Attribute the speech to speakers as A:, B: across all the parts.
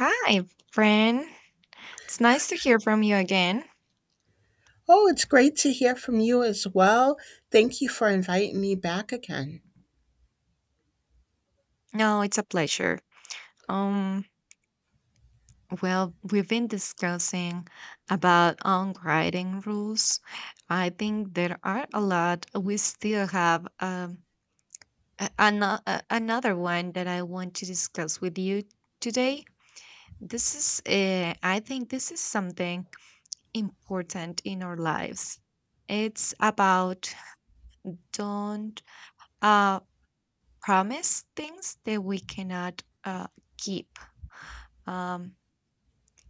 A: Hi, friend. It's nice to hear from you again.
B: Oh, it's great to hear from you as well. Thank you for inviting me back again.
A: No, it's a pleasure. Um, well, we've been discussing about unwriting rules. I think there are a lot. We still have another one that I want to discuss with you today. This is, I think, this is something important in our lives. It's about don't uh, Promise things that we cannot keep. Um,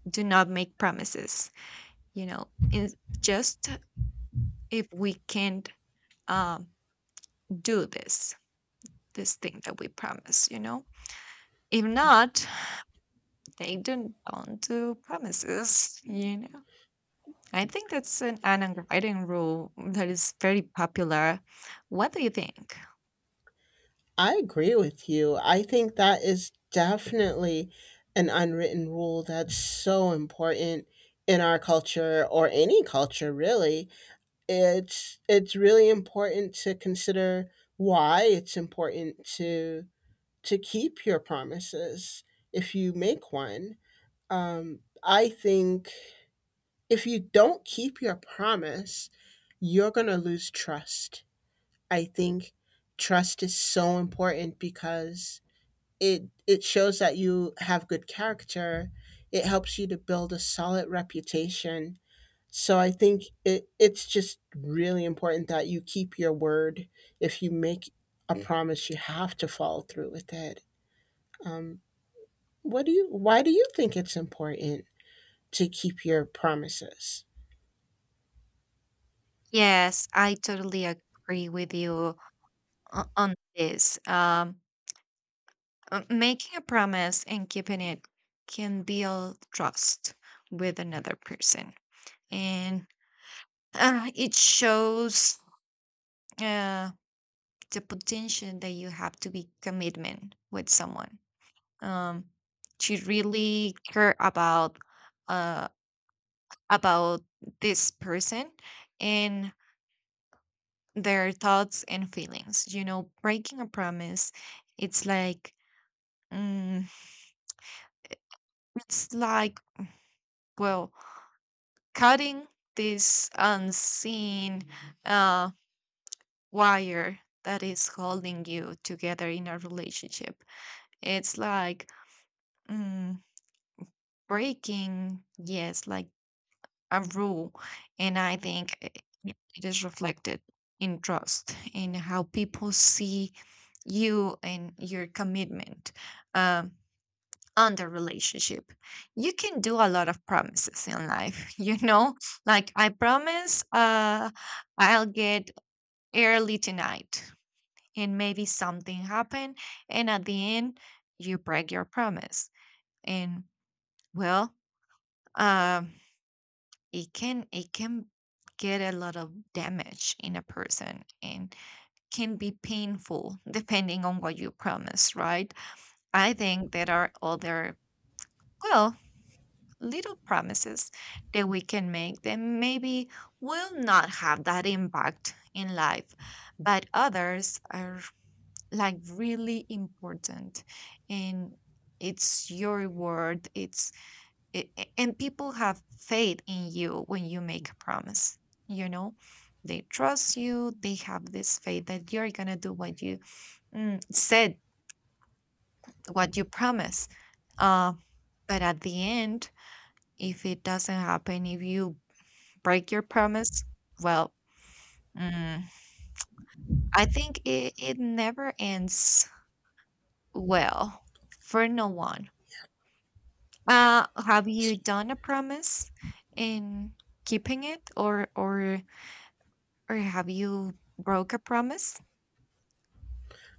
A: do not make promises. You know, in, just if we can't um, do this thing that we promise. If not, they don't do promises. I think that's an unwritten rule that is very popular. What do you think?
B: I agree with you. I think that is definitely an unwritten rule that's so important in our culture or any culture really. It's really important to consider why it's important to keep your promises if you make one. I think if you don't keep your promise, you're going to lose trust. I think trust is so important because it shows that you have good character. It helps you to build a solid reputation. So I think it's just really important that you keep your word. If you make a promise, you have to follow through with it. What do you Why do you think it's important to keep your promises?
A: Yes, I totally agree with you on this. Making a promise and keeping it can build trust with another person. And it shows, uh, the potential that you have to be commitment with someone, um, to really care uh, about this person and their thoughts and feelings. Breaking a promise, it's mm, like well cutting this unseen, uh, wire that is holding you together in a relationship. It's like mm, breaking, yes, like a rule. And I think, yeah, it is reflected in trust, in how people see you and your commitment, Um, on the relationship. You can do a lot of promises in life, like I promise, I'll get early tonight, and maybe something happened and at the end you break your promise. And well, um it can get a lot of damage in a person and can be painful depending on what you promise, right? I think there are other, well, little promises that we can make that maybe will not have that impact in life, but others are like really important. And it's your word, and people have faith in you when you make a promise, you know. They trust you, they have this faith that you're gonna do what you, said, what you promise. Uh, but at the end, if it doesn't happen, if you break your promise? Well, mm, I think it never ends well for no one. Have you done a promise and keeping it, or have you broke a promise?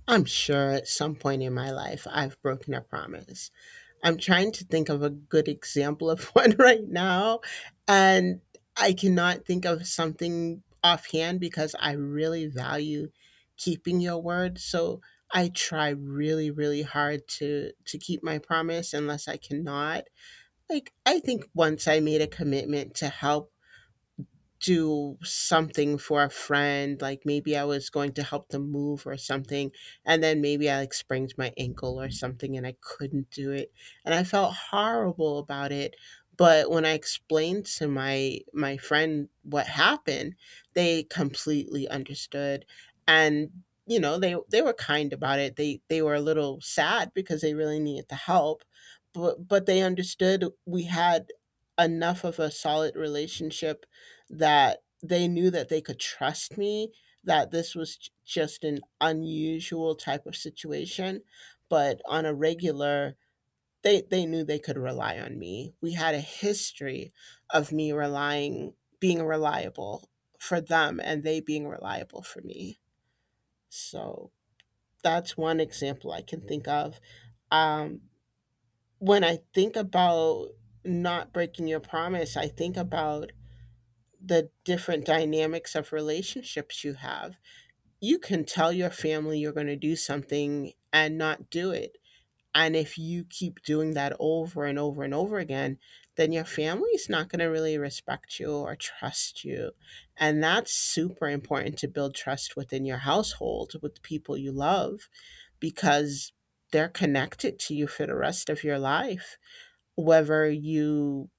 B: I'm sure at some point in my life I've broken a promise. I'm trying to think of a good example of one right now, and I cannot think of something offhand because I really value keeping your word. So I try really, really hard to keep my promise unless I cannot. Like I think once I made a commitment to help do something for a friend, like maybe I was going to help them move or something, and then maybe I like sprained my ankle or something and I couldn't do it, and I felt horrible about it. But when I explained to my friend what happened, they completely understood. And you know, they were kind about it. They were a little sad because they really needed the help, but they understood. We had enough of a solid relationship that they knew that they could trust me, that this was just an unusual type of situation, but on a regular they knew they could rely on me. We had a history of me relying being reliable for them and they being reliable for me. So that's one example I can think of. Um, when I think about not breaking your promise, I think about the different dynamics of relationships you have. You can tell your family you're going to do something and not do it. And if you keep doing that over and over and over again, then your family's not going to really respect you or trust you. And that's super important to build trust within your household with the people you love, because they're connected to you for the rest of your life, whether you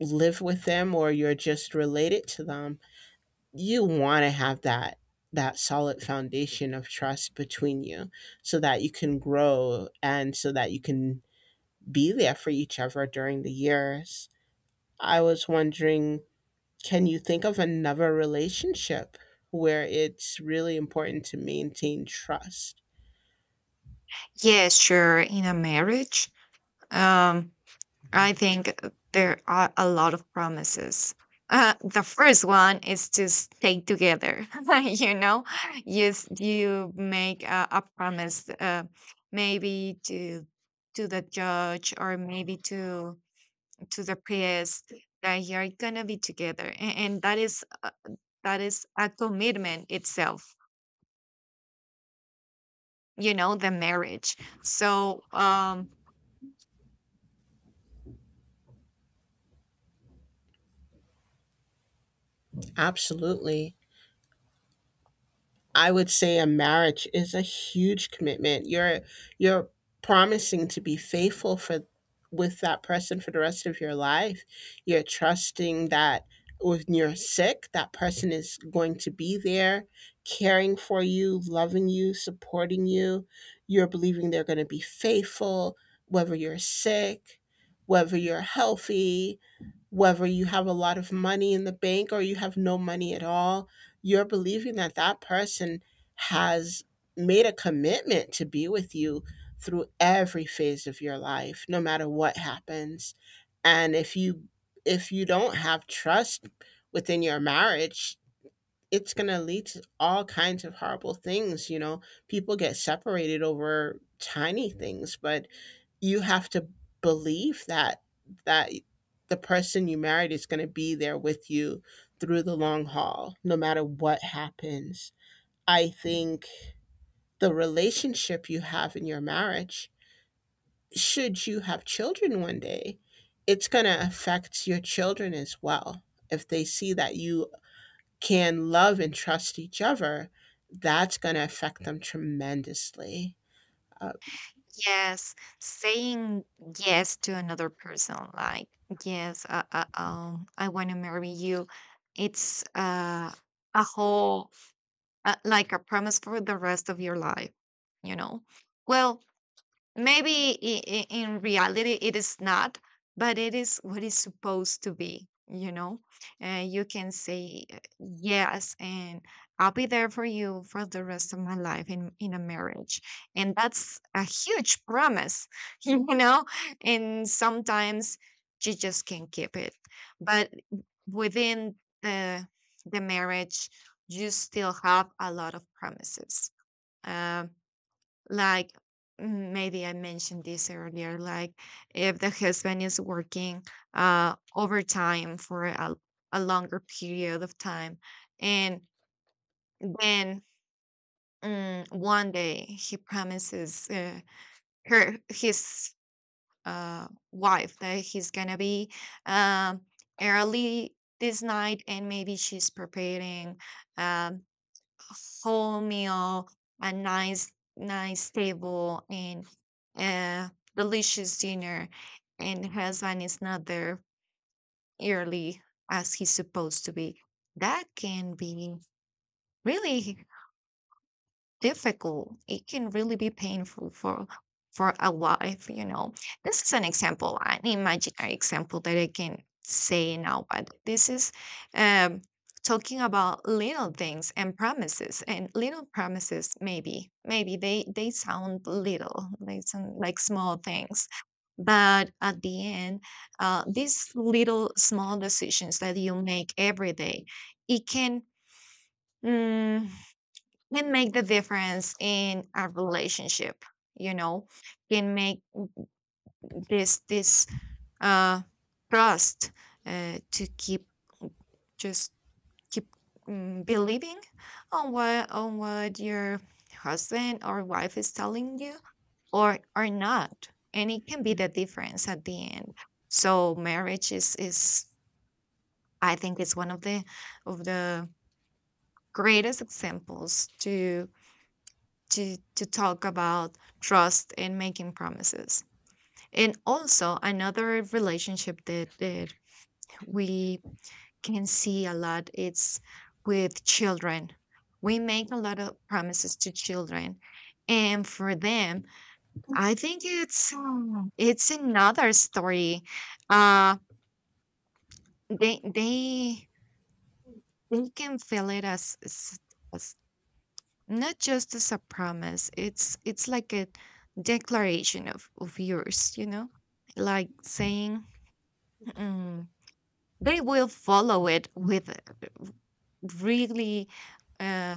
B: live with them or you're just related to them. You want to have that solid foundation of trust between you so that you can grow and so that you can be there for each other during the years. I was wondering, can you think of another relationship where it's really important to maintain trust?
A: Yes, sure. In a marriage, um, I think there are a lot of promises. The first one is to stay together. you know, you make a promise, maybe to the judge, or maybe to the priest, that you're gonna be together, and that is a commitment itself. The marriage. So,
B: Absolutely. I would say a marriage is a huge commitment. You're promising to be faithful for with that person for the rest of your life. You're trusting that when you're sick, that person is going to be there, caring for you, loving you, supporting you. You're believing they're going to be faithful, whether you're sick, whether you're healthy, whether you have a lot of money in the bank or you have no money at all. You're believing that that person has made a commitment to be with you through every phase of your life, no matter what happens. And if you, if you don't have trust within your marriage, it's going to lead to all kinds of horrible things. You know, people get separated over tiny things, but you have to believe that that the person you married is going to be there with you through the long haul, no matter what happens. I think the relationship you have in your marriage, should you have children one day, it's going to affect your children as well. If they see that you can love and trust each other, that's going to affect them tremendously. uh,
A: yes, saying yes to another person, like, yes, I want to marry you. It's, a whole, like a promise for the rest of your life, you know. Well, maybe in reality it is not, but it is what it's supposed to be. And you can say, yes, and I'll be there for you for the rest of my life in a marriage, and that's a huge promise. you know and sometimes you just can't keep it. But within the the marriage you still have a lot of promises. Um like, maybe I mentioned this earlier, like if the husband is working overtime for a longer period of time, and then, one day he promises, her his wife, that he's gonna be, um early this night, and maybe she's preparing, um whole meal, a nice, nice table, and a delicious dinner, and husband is not there early as he's supposed to be. That can be really difficult. It can really be painful for a wife. This is an example, an imaginary example that I can say now, but this is, um talking about little things and promises and little promises, maybe they sound little, they sound like small things, but at the end, these little small decisions that you make every day, it can mm, can make the difference in a relationship, you know can make this uh trust, to keep, just keep, believing on what your husband or wife is telling you, or not, and it can be the difference at the end. So marriage is, I think, it's one of the of the greatest examples to talk about trust and making promises. And also another relationship that we can see a lot, it's with children. We make a lot of promises to children, and for them, I think it's another story. Uh they they they can feel it as, as not just as a promise. It's like a declaration of yours, you know? Like saying, mm, they will follow it with a really uh,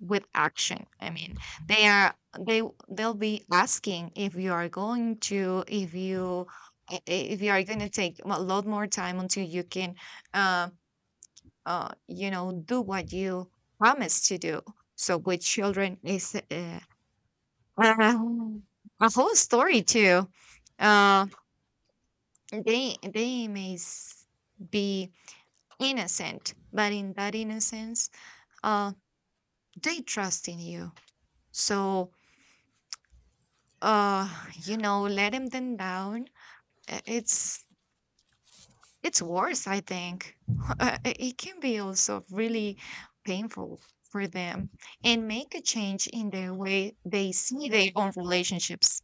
A: with action. I mean, they'll be asking if you are going to if you I- if you are going to take a lot more time until you can, uh, do what you promised to do. So with children is, Um, a whole story too. Uh, they may be innocent, but in that innocence, uh, they trust in you. So, uh, letting them down, uh, it's it's worse, I think. It can be also really painful for them, and make a change in the way they see their own relationships.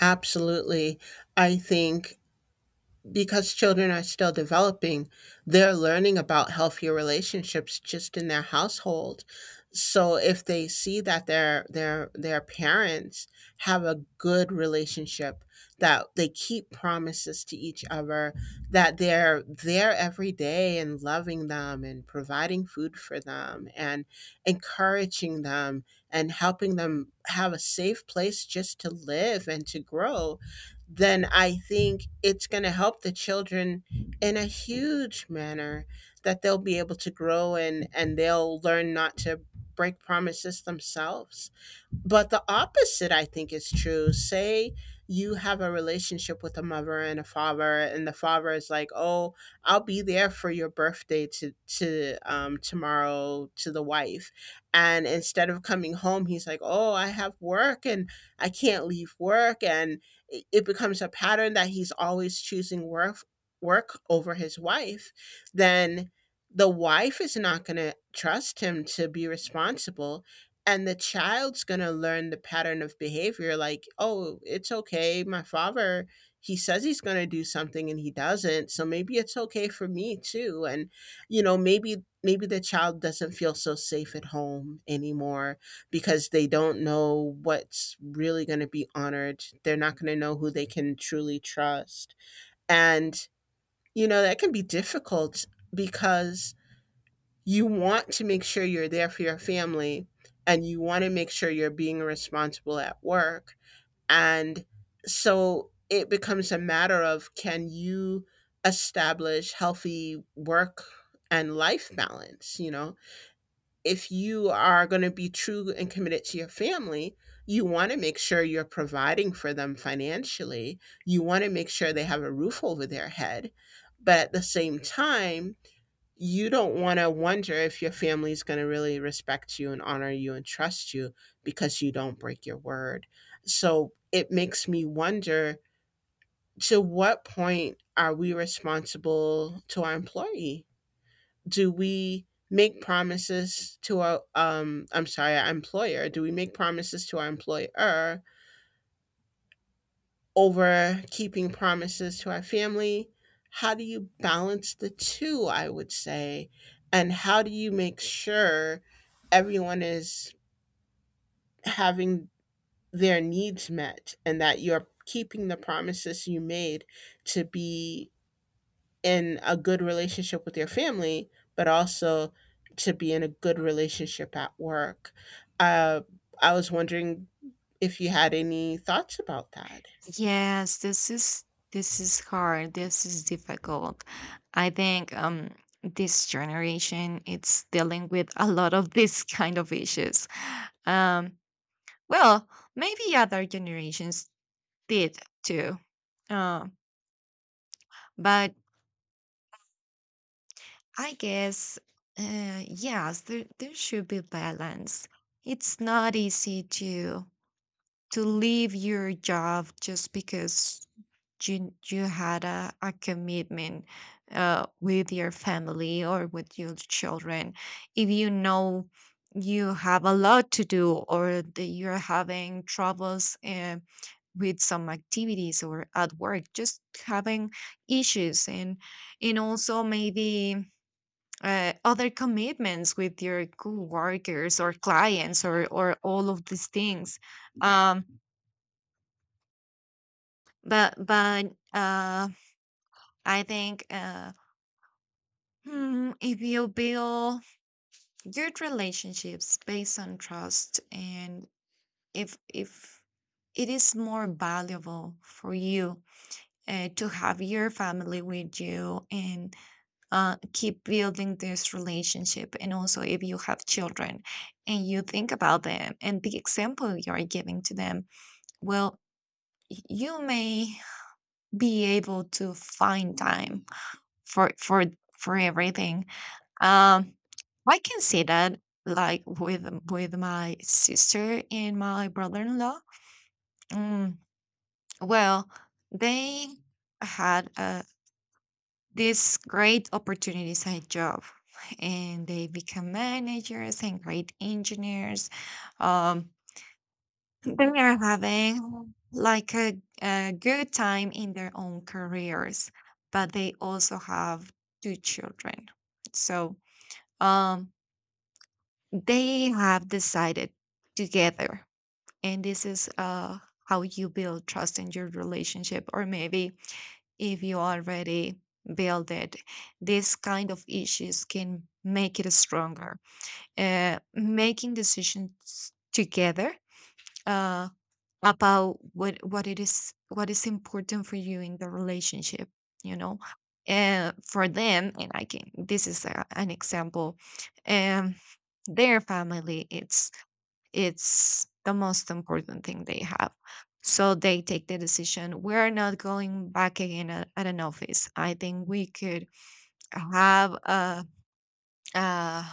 B: Absolutely. I think because children are still developing, they're learning about healthier relationships just in their household. So if they see that their parents have a good relationship, that they keep promises to each other, that they're there every day and loving them and providing food for them and encouraging them and helping them have a safe place just to live and to grow, then I think it's going to help the children in a huge manner, that they'll be able to grow and they'll learn not to break promises themselves. But the opposite, I think, is true. Say you have a relationship with a mother and a father, and the father is like, "Oh, I'll be there for your birthday to tomorrow," to the wife, and instead of coming home, he's like, "Oh, I have work and I can't leave work," and it becomes a pattern that he's always choosing work over his wife. Then the wife is not going to trust him to be responsible, and the child's going to learn the pattern of behavior, like, oh, it's okay, my father, he says he's going to do something and he doesn't, so maybe it's okay for me too. And you know, maybe maybe the child doesn't feel so safe at home anymore because they don't know what's really going to be honored. They're not going to know who they can truly trust. And you know, that can be difficult because you want to make sure you're there for your family and you want to make sure you're being responsible at work. And so it becomes a matter of, can you establish healthy work and life balance? You know, if you are going to be true and committed to your family, you want to make sure you're providing for them financially. You want to make sure they have a roof over their head. But at the same time, you don't want to wonder if your family is going to really respect you and honor you and trust you because you don't break your word. So it makes me wonder, to what point are we responsible to our employee? Do we make promises to our I'm sorry, our employer? Do we make promises to our employer over keeping promises to our family? How do you balance the two, I would say? And how do you make sure everyone is having their needs met and that you're keeping the promises you made to be in a good relationship with your family, but also to be in a good relationship at work? Uh, I was wondering if you had any thoughts about that.
A: Yes, this is hard. This is difficult. I think, this generation it's dealing with a lot of this kind of issues. Um well, maybe other generations did too. Uh, but I guess, yes, there should be balance. It's not easy to leave your job just because you had a commitment, with your family or with your children, if you know you have a lot to do, or that you're having troubles, with some activities or at work, just having issues, and also maybe, other commitments with your coworkers or clients or all of these things. Um but but uh, I think, if you build your relationships based on trust, and if it is more valuable for you, to have your family with you, and, keep building this relationship, and also if you have children, and you think about them and the example you are giving to them, well, you may be able to find time for for for everything. Um, I can see that, like with my sister and my brother-in-law. Mm, well, they had, these great opportunities at job, and they become managers and great engineers. Um, they are having, like, a good time in their own careers, but they also have two children. So, um, They have decided together, and this is, how you build trust in your relationship, or maybe, if you already build it, this kind of issues can make it stronger. Making decisions together, uh, about what is important for you in the relationship, you know. For them, and I can. This is an example. Um, their family, it's the most important thing they have. So they take the decision. We're not going back again at an office. I think we could have, uh,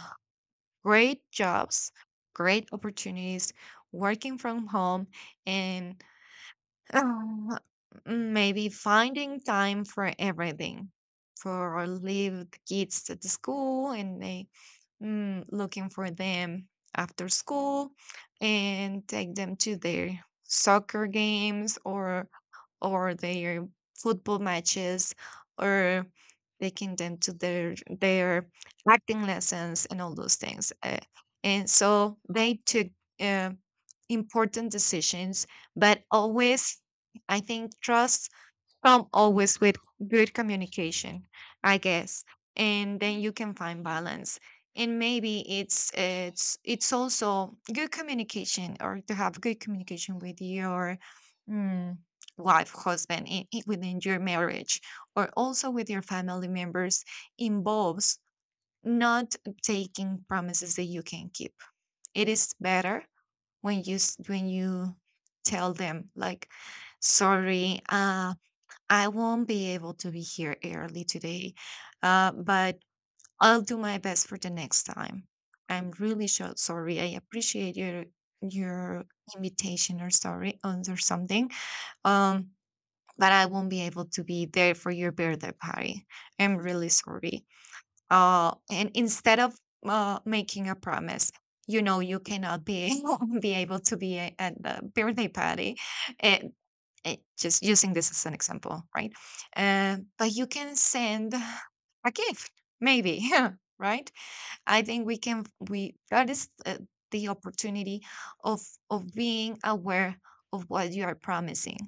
A: great jobs, great opportunities, working from home, and, um, maybe finding time for everything. For leave the kids at the school, and they, looking for them after school, and take them to their soccer games or their football matches, or taking them to their acting lessons, and all those things. And so they took, uh, important decisions, but always I think trust come always with good communication, I guess, and then you can find balance. And maybe it's also good communication, or to have good communication with your, mm, wife, husband, within your marriage, or also with your family members, involves not taking promises that you can keep. It is better when you tell them, like, sorry, I won't be able to be here early today, but I'll do my best for the next time. I'm really so sorry. I appreciate your invitation, or sorry, or something. Um, but I won't be able to be there for your birthday party. I'm really sorry, and instead of making a promise you know you cannot be be able to be at the birthday party, and, and just using this as an example, right, but you can send a gift, maybe right? I think we can — we, that is, the opportunity of being aware of what you are promising,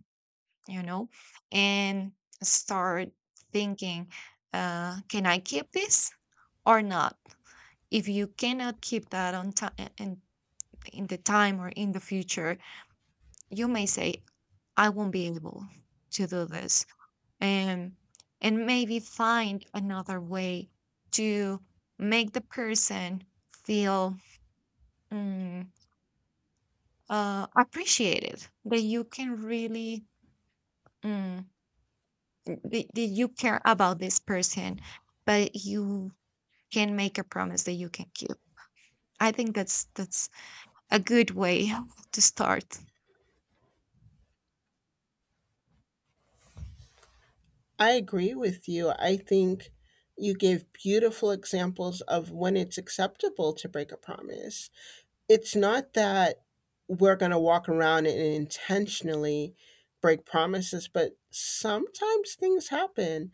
A: you know and start thinking, can I keep this or not? If you cannot keep that on time in the time, or in the future, you may say, I won't be able to do this. And and maybe find another way to make the person feel, mm, appreciated, that you can really, mm, that you care about this person, but you can make a promise that you can keep. I think that's a good way to start.
B: I agree with you. I think you gave beautiful examples of when it's acceptable to break a promise. It's not that we're going to walk around and intentionally break promises, but sometimes things happen.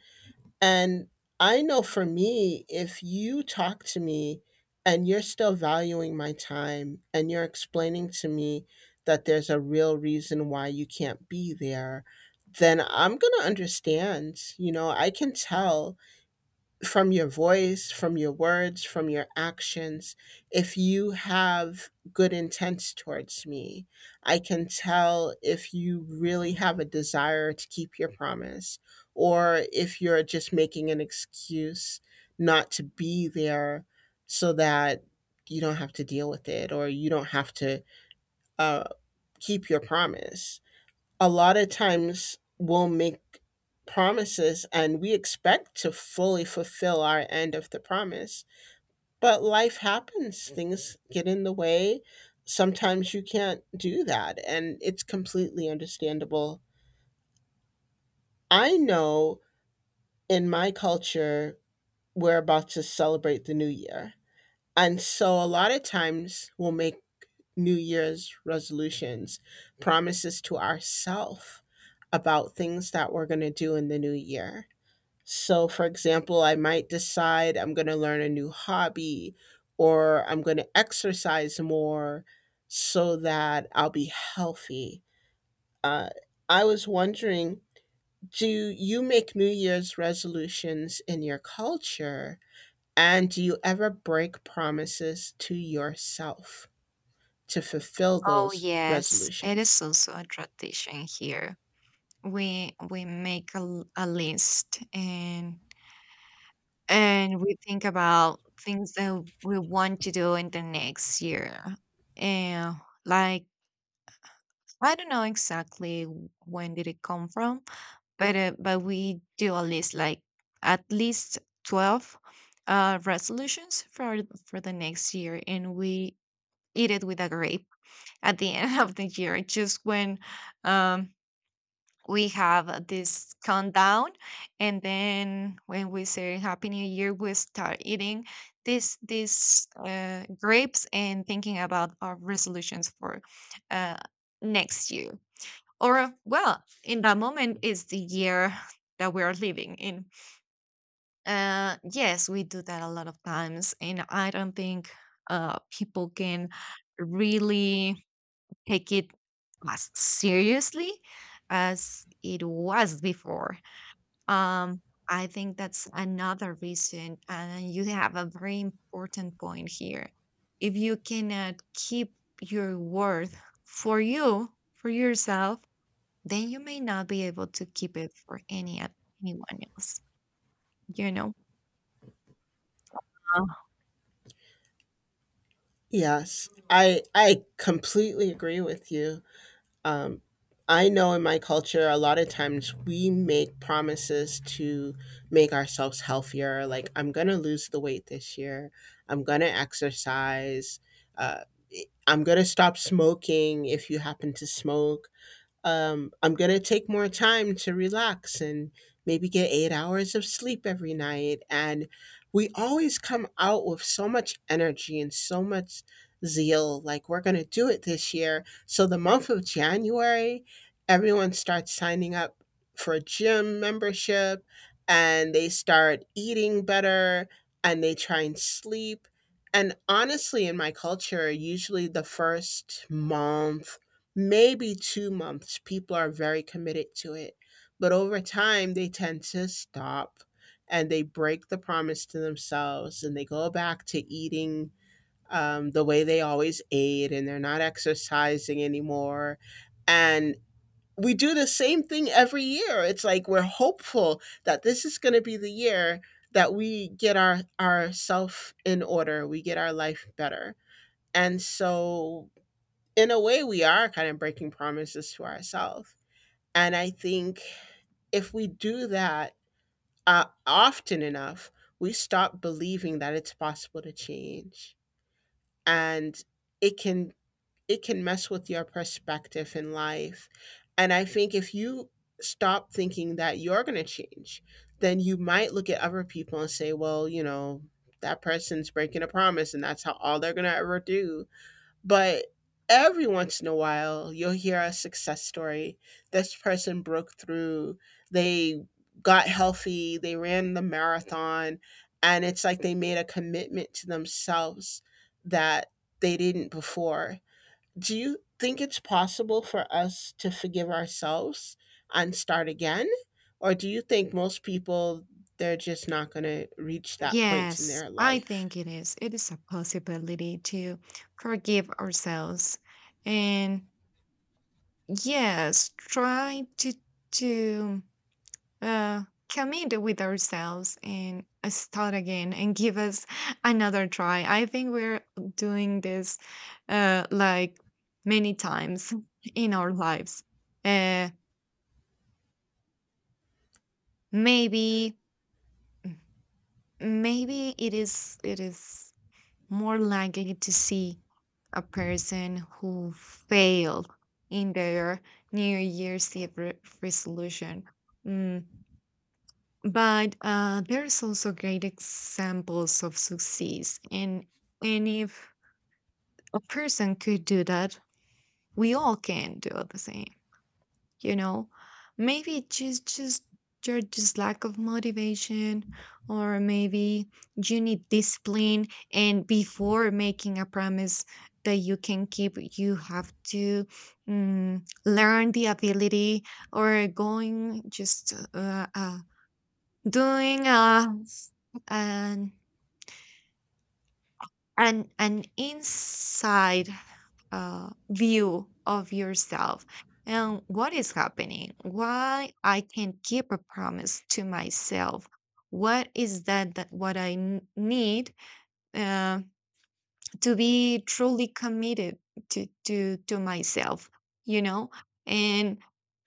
B: And I know for me, if you talk to me and you're still valuing my time and you're explaining to me that there's a real reason why you can't be there, then I'm going to understand. You know, I can tell from your voice, from your words, from your actions. If you have good intents towards me, I can tell if you really have a desire to keep your promise or if you're just making an excuse not to be there so that you don't have to deal with it or you don't have to uh, keep your promise. A lot of times we'll make promises and we expect to fully fulfill our end of the promise. But life happens, things get in the way. Sometimes you can't do that, and it's completely understandable. I know in my culture, we're about to celebrate the new year. And so a lot of times we'll make New Year's resolutions, promises to ourselves about things that we're going to do in the new year. So, for example, I might decide I'm going to learn a new hobby or I'm going to exercise more so that I'll be healthy. Uh, I was wondering, do you make New Year's resolutions in your culture? And do you ever break promises to yourself to fulfill
A: Oh
B: those
A: yes, it is
B: resolutions?
A: also a tradition here. We make a list, and we think about things that we want to do in the next year. And, like, I don't know exactly when did it come from, but we do a list, like, at least 12 resolutions for the next year, and we eat it with a grape at the end of the year, just when, um, we have this countdown, and then when we say Happy New Year, we start eating this these grapes and thinking about our resolutions for, uh, next year. Or, well, in that moment is the year that we are living in. Yes, we do that a lot of times, and I don't think, people can really take it as seriously as it was before. Um, I think that's another reason, and you have a very important point here. If you cannot keep your word for you, for yourself, then you may not be able to keep it for anyone else. You know. Uh,
B: Yes, I completely agree with you. Um, I know in my culture, a lot of times we make promises to make ourselves healthier. Like, I'm going to lose the weight this year. I'm going to exercise. Uh, I'm going to stop smoking if you happen to smoke. I'm going to take more time to relax and maybe get 8 hours of sleep every night. And we always come out with so much energy and so much zeal, like we're going to do it this year. So, the month of January, everyone starts signing up for a gym membership and they start eating better and they try and sleep. And honestly, in my culture, usually the first month, maybe 2 months, people are very committed to it. But over time, they tend to stop and they break the promise to themselves and they go back to eating the way they always ate and they're not exercising anymore. And we do the same thing every year. It's like we're hopeful that this is going to be the year that we get ourself in order, we get our life better. And so in a way, we are kind of breaking promises to ourselves. And I think if we do that often enough, we stop believing that it's possible to change. And it can it can mess with your perspective in life. And I think if you stop thinking that you're going to change, then you might look at other people and say, well, you know, that person's breaking a promise and that's how all they're going to ever do but every once in a while, you'll hear a success story. This person broke through, they got healthy, they ran the marathon, and it's like they made a commitment to themselves that they didn't before. Do you think it's possible for us to forgive ourselves and start again? Or do you think most people, they're just not going to reach that point in
A: Yes,
B: their
A: I
B: life?
A: think it is. It is a possibility to forgive ourselves and. Yes, try to uh, commit with ourselves and, start again and give us another try. I think we're doing this, like, many times in our lives. Uh, maybe maybe it is more likely to see a person who failed in their New Year's Eve resolution. Mm, But, there's also great examples of success, and if a person could do that, we all can do the same. You know, maybe just you're just lack of motivation, or maybe you need discipline. And before making a promise that you can keep, you have to, learn the ability, or going just, a doing a, an an inside, view of yourself, and what is happening: why I can't keep a promise to myself, what is that what I need, uh, to be truly committed to myself, you know. And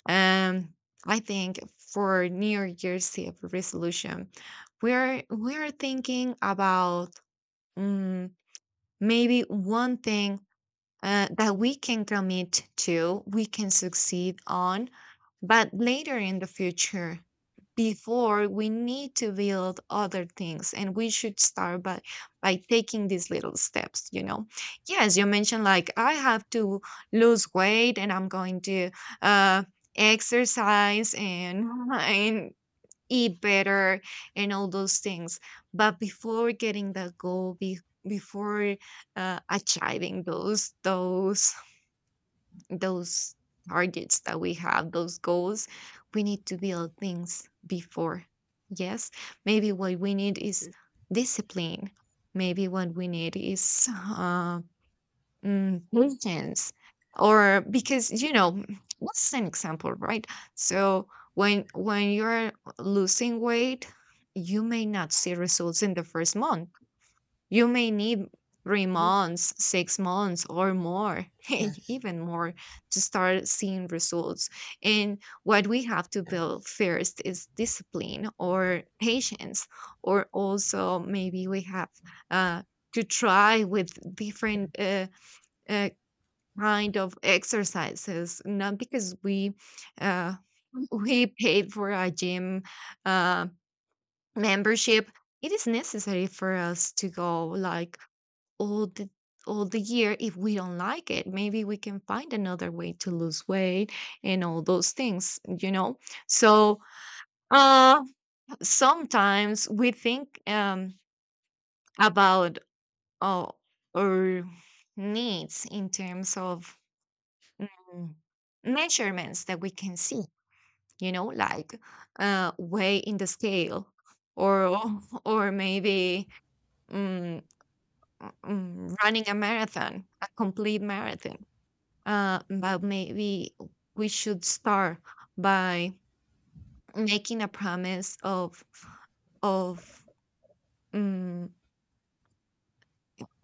A: Um, I think for New Year's Eve resolution, we're thinking about, mm, maybe one thing, that we can commit to, we can succeed on, but later in the future, before, we need to build other things, and we should start by taking these little steps. Yes, you mentioned, like, I have to lose weight, and I'm going to, uh exercise, and and eat better and all those things. But before getting that goal, before, achieving those targets that we have, those goals, we need to build things before. Yes, maybe what we need is discipline. Maybe what we need is, patience. Or because, what's an example, right? So when you're losing weight, you may not see results in the first month. You may need three
B: Mhm.
A: months, 6 months, or more,
B: Yes.
A: even more, to start seeing results. And what we have to
B: Yes.
A: build first is discipline or patience. Or also maybe we have, uh, to try with different, uh, kind of exercises, not because we, uh, we paid for a gym, uh, membership, it is necessary for us to go, like, all the all the year. If we don't like it, maybe we can find another way to lose weight and all those things. So, uh sometimes we think, about, uh, our needs in terms of, mm, measurements that we can see, like, weigh in the scale, or or maybe, mm, running a marathon, a complete marathon. But maybe we should start by making a promise of of um,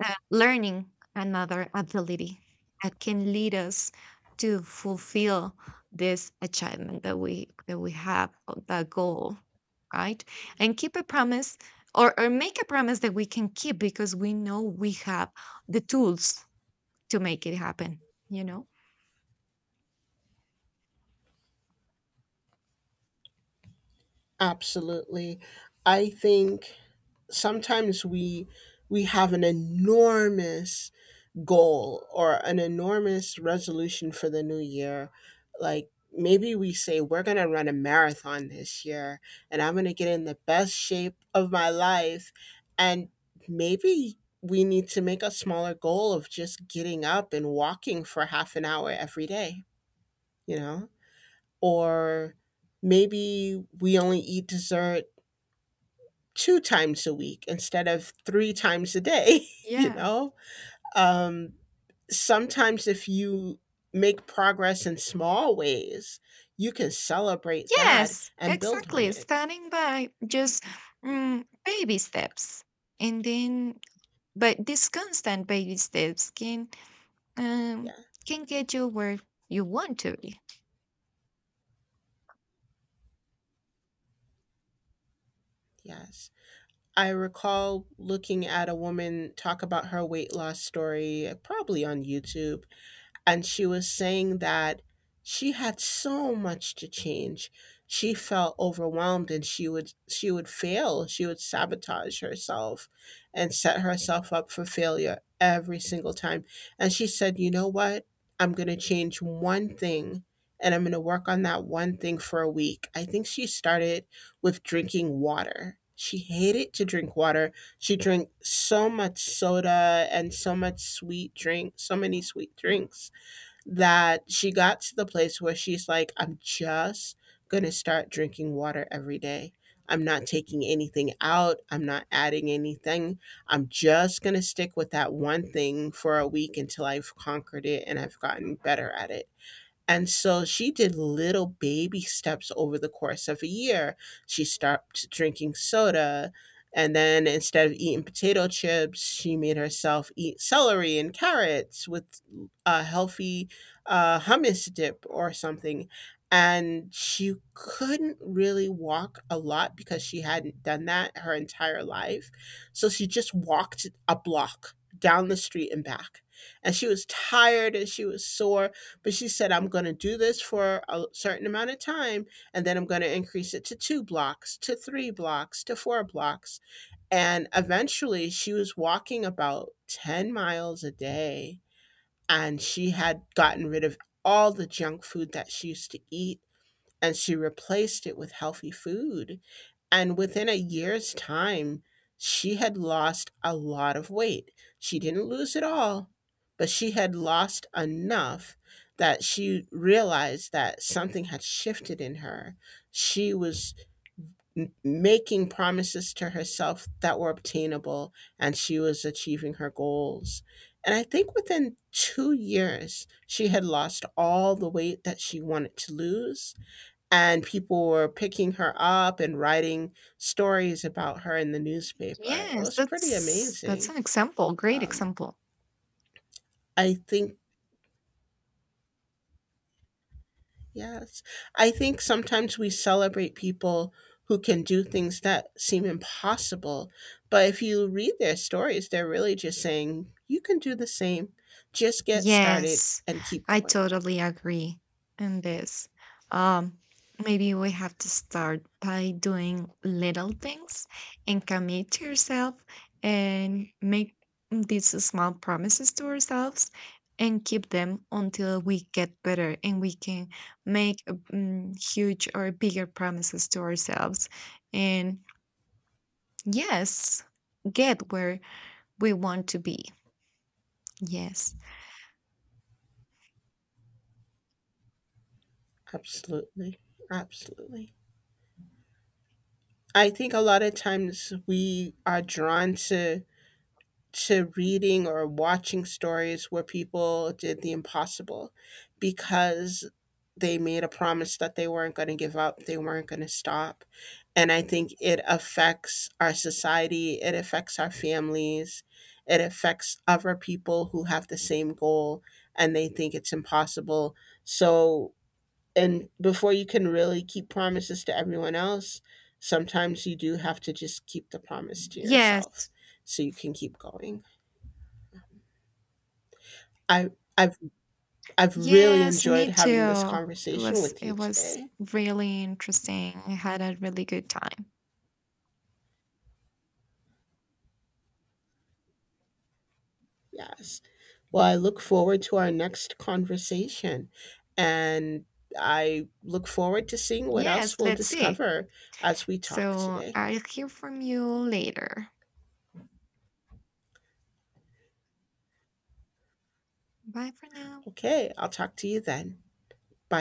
A: learning another ability that can lead us to fulfill this achievement that we have, or that goal, right, and keep a promise, or make a promise that we can keep, because we know we have the tools to make it happen you know
B: Absolutely. I think sometimes we have an enormous goal or an enormous resolution for the new year. Like maybe we say we're going to run a marathon this year and I'm going to get in the best shape of my life and maybe we need to make a smaller goal of just getting up and walking for half an hour every day, you know? Or maybe we only eat dessert 2 times a week instead of 3 times a day, you
A: yeah.
B: know? Um, sometimes if you make progress in small ways, you can celebrate that
A: Yes,
B: and build on
A: exactly.
B: it.
A: Starting by just, baby steps, and then, but these constant baby steps um,
B: Yeah,
A: can get you where you want to be.
B: yes. I recall looking at a woman talk about her weight loss story, probably on YouTube. And she was saying that she had so much to change. She felt overwhelmed and she would fail. She would sabotage herself and set herself up for failure every single time. And she said, "You know what? I'm going to change one thing and I'm going to work on that one thing for a week." I think she started with drinking water. She hated to drink water. She drank so much soda and so much sweet drink, so many sweet drinks that she got to the place where she's like, I'm just going to start drinking water every day. I'm not taking anything out. I'm not adding anything. I'm just going to stick with that one thing for a week until I've conquered it and I've gotten better at it. And so she did little baby steps over the course of a year. She stopped drinking soda. And then instead of eating potato chips, she made herself eat celery and carrots with a healthy hummus dip or something. And she couldn't really walk a lot because she hadn't done that her entire life. So she just walked a block down the street and back. And she was tired and she was sore but she said, I'm going to do this for a certain amount of time, and then I'm going to increase it to two blocks, to three blocks, to four blocks. And eventually, she was walking about 10 miles a day, and she had gotten rid of all the junk food that she used to eat, and she replaced it with healthy food and within a year's time, she had lost a lot of weight. She didn't lose it all, but she had lost enough that she realized that something had shifted in her. She was making promises to herself that were obtainable and she was achieving her goals. And I think within 2 years, she had lost all the weight that she wanted to lose and people were picking her up and writing stories about her in the newspaper. It
A: Yes,
B: was pretty
A: that's
B: amazing.
A: an example. Great
B: Um,
A: example.
B: I think, yes, I think sometimes we celebrate people who can do things that seem impossible. But if you read their stories, they're really just saying, you can do the same. Just get started
A: Yes,
B: and keep
A: I
B: going.
A: totally agree in this. Um, Maybe we have to start by doing little things and commit to yourself, and make these small promises to ourselves and keep them until we get better, and we can make, huge or bigger promises to ourselves. And yes, get where we want to be. Yes.
B: Absolutely. Absolutely. I think a lot of times we are drawn to reading or watching stories where people did the impossible because they made a promise that they weren't going to give up, they weren't going to stop. And I think it affects our society, it affects our families, it affects other people who have the same goal and they think it's impossible. So, and before you can really keep promises to everyone else, sometimes you do have to just keep the promise to yourself
A: Yes.
B: so you can keep going. I I've I've really
A: Yes,
B: enjoyed
A: me
B: having this
A: too. It
B: conversation
A: was,
B: with you today.
A: really interesting. I had a really good time.
B: Yes. Well, I look forward to our next conversation and I look forward to seeing what else
A: Yes,
B: we'll
A: let's see.
B: discover as we talk
A: So
B: today.
A: I'll hear from you later. Bye for now.
B: Okay, I'll talk to you then. Bye